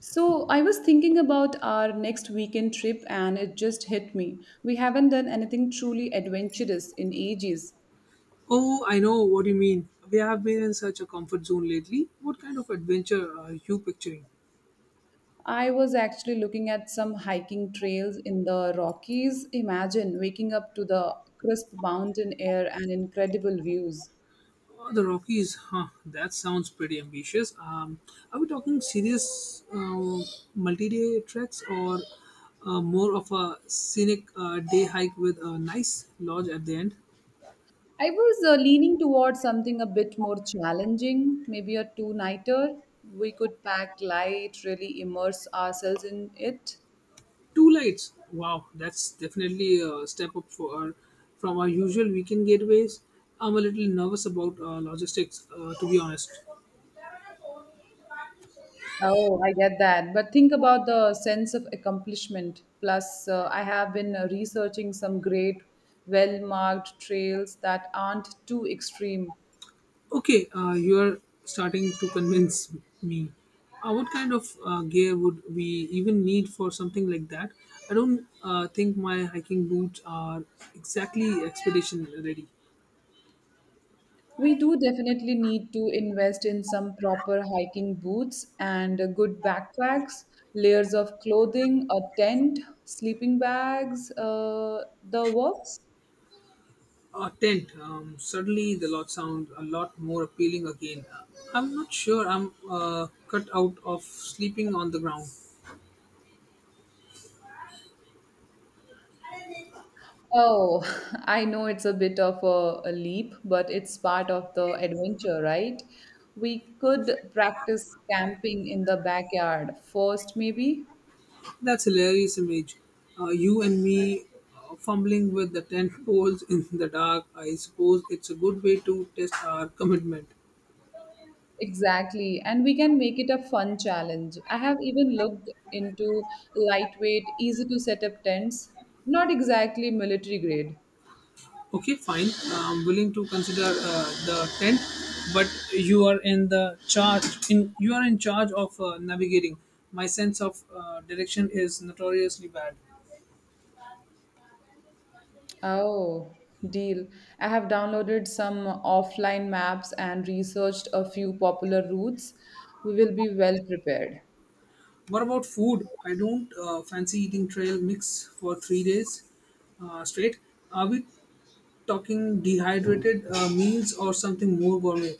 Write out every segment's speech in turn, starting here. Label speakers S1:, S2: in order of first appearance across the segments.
S1: So, I was thinking about our next weekend trip and it just hit me. We haven't done anything truly adventurous in ages.
S2: Oh, I know what you mean. We have been in such a comfort zone lately. What kind of adventure are you picturing?
S1: I was actually looking at some hiking trails in the Rockies. Imagine waking up to the crisp mountain air and incredible views.
S2: Oh, the Rockies, huh? That sounds pretty ambitious. Are we talking serious multi-day treks or more of a scenic day hike with a nice lodge at the end?
S1: I was leaning towards something a bit more challenging, maybe a two nighter. We could pack light, really immerse ourselves in it.
S2: Two lights. Wow, that's definitely a step up from our usual weekend getaways. I'm a little nervous about logistics, to be honest.
S1: Oh, I get that. But think about the sense of accomplishment. Plus, I have been researching some great, well marked trails that aren't too extreme.
S2: Okay, you are starting to convince me. What kind of gear would we even need for something like that? I don't think my hiking boots are exactly expedition ready.
S1: We do definitely need to invest in some proper hiking boots and good backpacks, layers of clothing, a tent, sleeping bags, the works.
S2: A tent. Suddenly, the lot sounds a lot more appealing again. I'm not sure I'm cut out of sleeping on the ground.
S1: Oh, I know it's a bit of a leap, but it's part of the adventure, right? We could practice camping in the backyard first, maybe.
S2: That's hilarious image. You and me fumbling with the tent poles in the dark. I suppose it's a good way to test our commitment.
S1: Exactly. And we can make it a fun challenge. I have even looked into lightweight, easy to set up tents, not exactly military grade.
S2: Okay, fine. I'm willing to consider the tent, but you are in the charge. In You are in charge of navigating. My sense of direction is notoriously bad.
S1: Oh, deal. I have downloaded some offline maps and researched a few popular routes. We will be well prepared.
S2: What about food? I don't fancy eating trail mix for 3 days straight. Are we talking dehydrated meals or something more gourmet?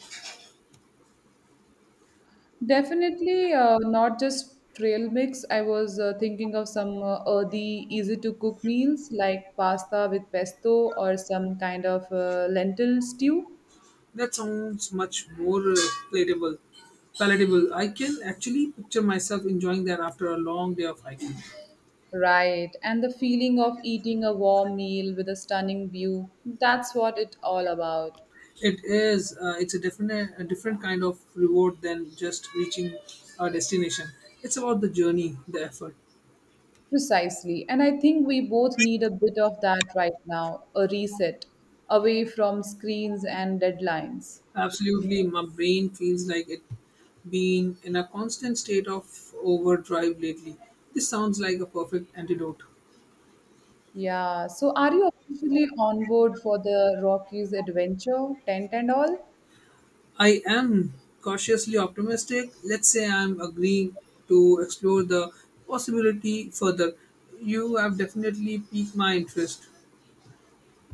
S1: Definitely not just trail mix. I was thinking of some earthy, easy to cook meals like pasta with pesto or some kind of lentil stew.
S2: That sounds much more palatable. Palatable. I can actually picture myself enjoying that after a long day of hiking.
S1: Right. And the feeling of eating a warm meal with a stunning view. That's what it's all about.
S2: It is. It's a different, kind of reward than just reaching a destination. It's about the journey, the effort.
S1: Precisely. And I think we both need a bit of that right now, a reset away from screens and deadlines.
S2: Absolutely, my brain feels like it been in a constant state of overdrive lately. This sounds like a perfect antidote.
S1: Yeah. So are you officially on board for the Rockies adventure, tent and all?
S2: I am cautiously optimistic. Let's say I'm agreeing to explore the possibility further. You have definitely piqued my interest.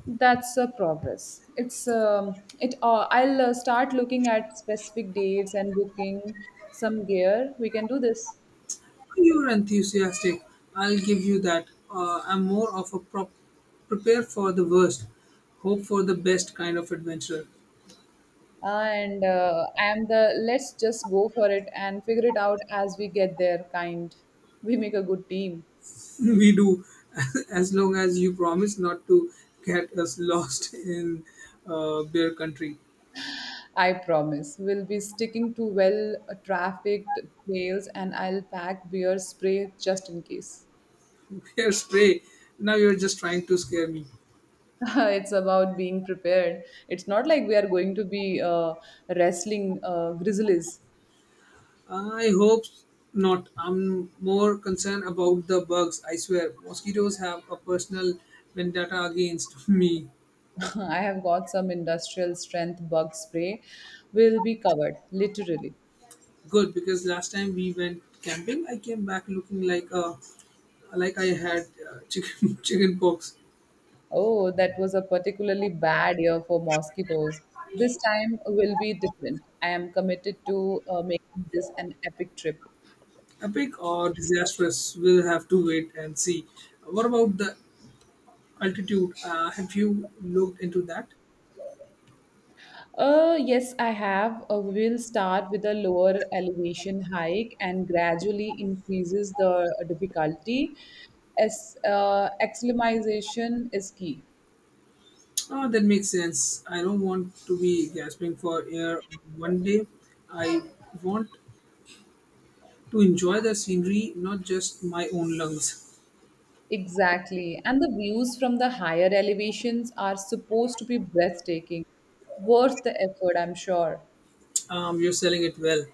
S1: That's a progress. It's it. I'll start looking at specific dates and booking some gear. We can do this.
S2: You're enthusiastic. I'll give you that. I'm more of a prepare for the worst, hope for the best kind of adventurer.
S1: And I am the let's just go for it and figure it out as we get there kind. We make a good team.
S2: We do, as long as you promise not to get us lost in bear country.
S1: I promise. We'll be sticking to well trafficked trails and I'll pack beer spray just in case.
S2: Bear spray. Now you're just trying to scare me.
S1: It's about being prepared. It's not like we are going to be wrestling grizzlies.
S2: I hope not. I'm more concerned about the bugs, I swear. Mosquitoes have a personal vendetta against me.
S1: I have got some industrial strength bug spray. We'll be covered, literally.
S2: Good, because last time we went camping, I came back looking like I had chicken chicken pox.
S1: Oh, that was a particularly bad year for mosquitoes. This time will be different. I am committed to making this an epic trip.
S2: Epic or disastrous, we'll have to wait and see. What about the altitude? Have you looked into that?
S1: Yes, I have. We will start with a lower elevation hike and gradually increases the difficulty. As acclimatization is key.
S2: Oh, that makes sense. I don't want to be gasping for air one day. I want to enjoy the scenery, not just my own lungs.
S1: Exactly. And the views from the higher elevations are supposed to be breathtaking. Worth the effort, I'm sure.
S2: You're selling it well.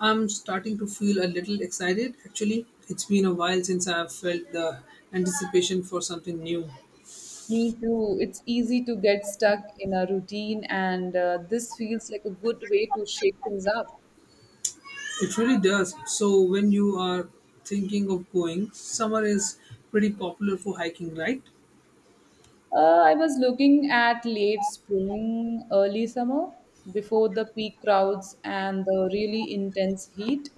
S2: I'm starting to feel a little excited. Actually, it's been a while since I've felt the anticipation for something new.
S1: Me too. It's easy to get stuck in a routine, and this feels like a good way to shake things up.
S2: It really does. So, when you are thinking of going, summer is pretty popular for hiking, right?
S1: I was looking at late spring, early summer, before the peak crowds and the really intense heat.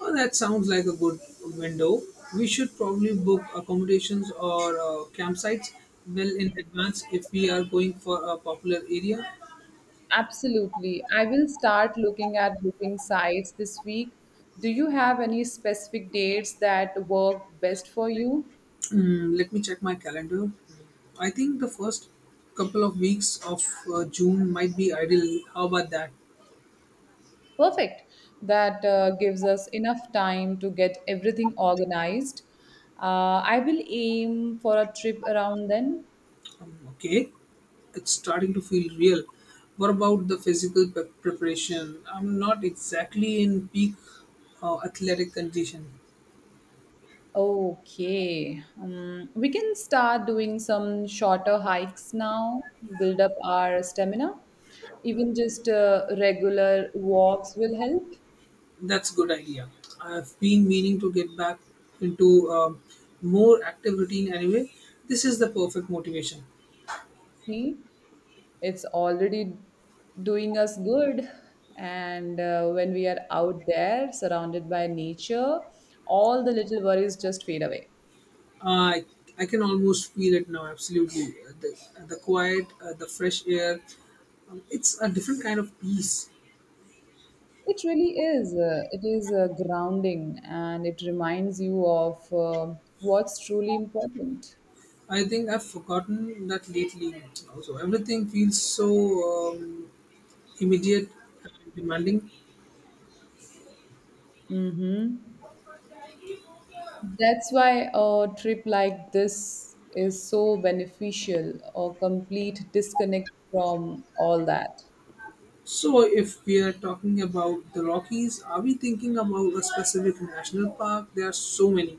S2: Oh, that sounds like a good window. We should probably book accommodations or campsites well in advance if we are going for a popular area.
S1: Absolutely. I will start looking at booking sites this week. Do you have any specific dates that work best for you?
S2: Let me check my calendar. I think the first couple of weeks of June might be ideal. How about that?
S1: Perfect. That gives us enough time to get everything organized. I will aim for a trip around then.
S2: Okay, it's starting to feel real. What about the physical preparation? I'm not exactly in peak athletic condition.
S1: Okay. We can start doing some shorter hikes now, build up our stamina. Even just regular walks will help.
S2: That's a good idea. I've been meaning to get back into more active routine anyway. This is the perfect motivation.
S1: See, it's already doing us good. And when we are out there, surrounded by nature, all the little worries just fade away.
S2: I I can almost feel it now. Absolutely, the quiet, the fresh air. It's a different kind of peace.
S1: It really is. It is grounding and it reminds you of what's truly important.
S2: I think I've forgotten that lately. Also, everything feels so um, immediate and demanding.
S1: Mm-hmm. That's why a trip like this is so beneficial, a complete disconnect from all that.
S2: So, if we are talking about the Rockies, are we thinking about a specific national park? There are so many.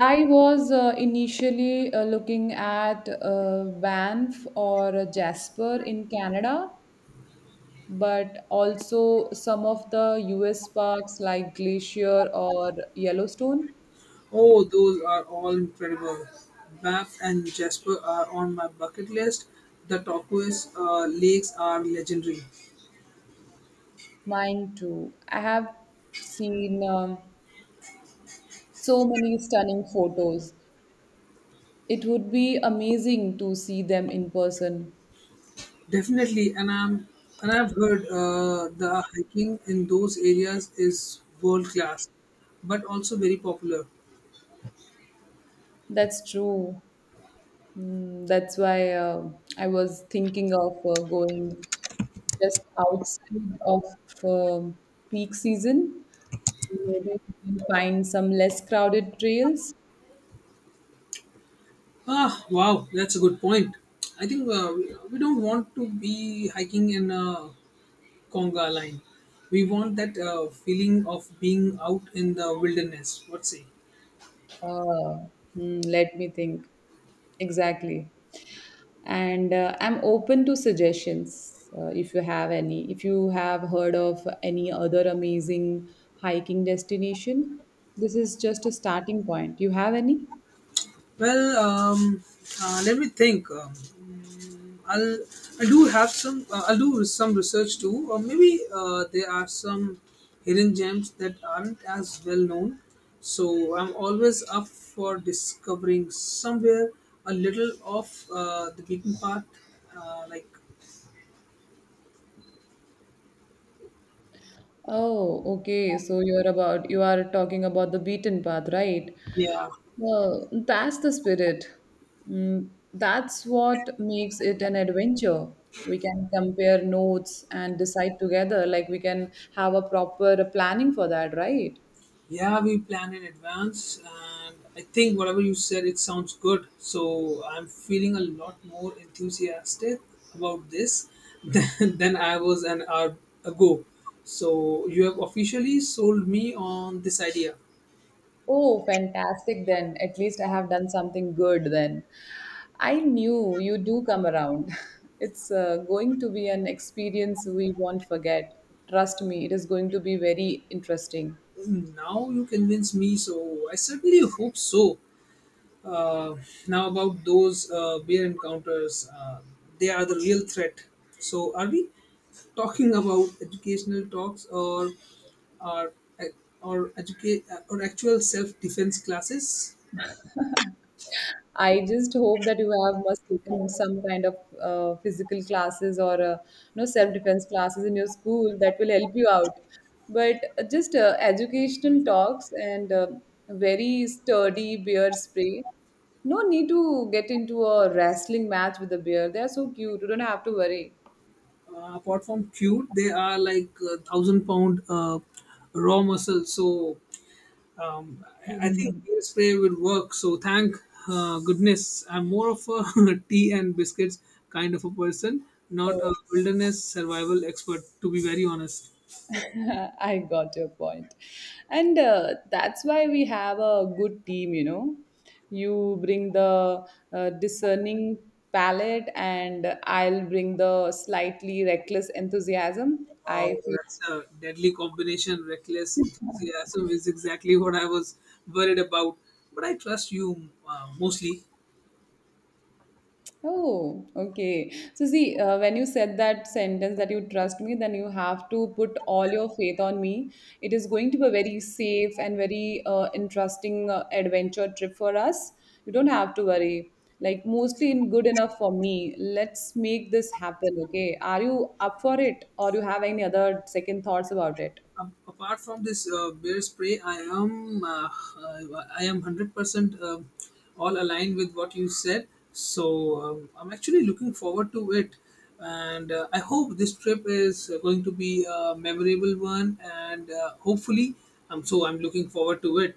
S1: I was initially looking at Banff or Jasper in Canada, but also some of the US parks like Glacier or Yellowstone.
S2: Oh, those are all incredible. Bap and Jasper are on my bucket list. The turquoise lakes are legendary.
S1: Mine too. I have seen so many stunning photos. It would be amazing to see them in person.
S2: Definitely, and I've heard the hiking in those areas is world class, but also very popular.
S1: That's true. That's why I was thinking of going just outside of um peak season. Maybe we can find some less crowded trails.
S2: Ah, wow, that's a good point. I think we don't want to be hiking in a conga line. We want that feeling of being out in the wilderness. What say?
S1: Uh, Let me think. Exactly. And I'm open to suggestions if you have any. If you have heard of any other amazing hiking destination, this is just a starting point. You have any?
S2: Well, let me think. I'll I do have some. I'll do some research too, or maybe there are some hidden gems that aren't as well known. So I'm always up for discovering somewhere a little off the beaten path. Like,
S1: Oh, okay. So you are talking about the beaten path, right?
S2: yeah,
S1: Well, that's the spirit. That's what makes it an adventure. We can compare notes and decide together. Like we can have a proper planning for that, right?
S2: yeah, we planned in advance, and I think whatever you said, it sounds good. So I'm feeling a lot more enthusiastic about this than, than I was an hour ago. So you have officially sold me on this idea.
S1: Oh, fantastic then. At least I have done something good then. I knew you do come around. It's going to be an experience we won't forget. Trust me, it is going to be very interesting.
S2: Now you convince me, so I certainly hope so. Uh, now about those bear encounters, they are the real threat. So are we talking about educational talks or or actual self defense classes?
S1: I just hope that you have must taken some kind of physical classes or uh, self defense classes in your school that will help you out. But just educational talks and very sturdy bear spray. No need to get into a wrestling match with a bear. They are so cute. You don't have to worry.
S2: Apart from cute, they are like 1,000-pound raw muscle. So I think beer spray will work. So thank goodness, I'm more of a tea and biscuits kind of a person, not a
S1: Mhm.
S2: wilderness survival expert. To be very honest,
S1: I got your point. And that's why we have a good team, you know. You bring the discerning palate, and I'll bring the slightly reckless enthusiasm.
S2: wow,
S1: I feel.
S2: that's a deadly combination. Reckless enthusiasm is exactly what I was worried about. But I trust you mostly.
S1: Oh, okay. So, see, when you said that sentence that you trust me, then you have to put all your faith on me. It is going to be a very safe and very interesting adventure trip for us. You don't have to worry. Like, mostly in good enough for me. Let's make this happen, okay? Are you up for it or you have any other second thoughts about it?
S2: Apart from this bear spray, I am 100% all aligned with what you said. So I'm actually looking forward to it, and I hope this trip is going to be a memorable one. And hopefully, so I'm looking forward to it.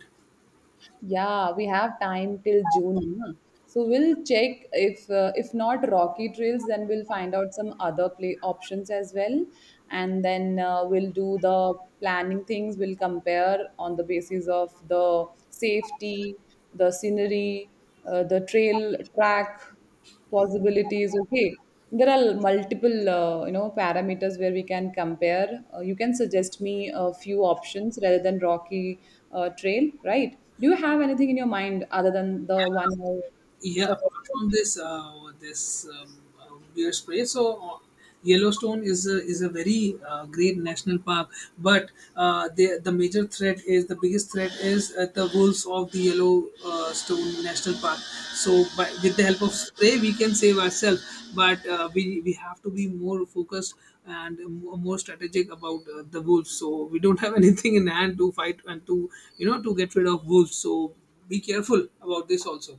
S1: Yeah, we have time till June. Na? So we'll check if not Rocky Trails, then we'll find out some other play options as well, and then we'll do the planning things. We'll compare on the basis of the safety, the scenery, the trail track possibilities. Okay, there are multiple you know parameters where we can compare. You can suggest me a few options rather than Rocky Trail, right? Do you have anything in your mind other than the one I
S2: Yeah, apart
S1: suggested?
S2: from this bear spray. So Yellowstone is a very great national park, but the major threat is the biggest threat is the wolves of the Yellowstone National Park. So with the help of spray, we can save ourselves, but we have to be more focused and more strategic about the wolves. So we don't have anything in hand to fight and to you know to get rid of wolves. So be careful about this also.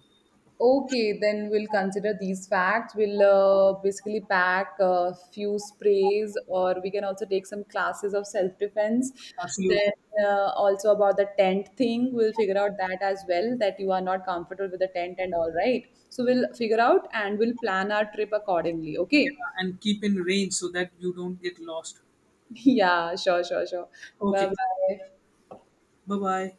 S1: Okay, then we'll consider these facts. We'll basically pack a few sprays, or we can also take some classes of self defense.
S2: Absolutely.
S1: Then, also about the tent thing, we'll figure out that as well that you are not comfortable with the tent and all right. So, we'll figure out and we'll plan our trip accordingly.
S2: Yeah,
S1: Okay.
S2: and keep in range so that you don't get lost.
S1: Yeah, sure, sure, sure. Bye
S2: Okay.
S1: bye.
S2: Bye bye.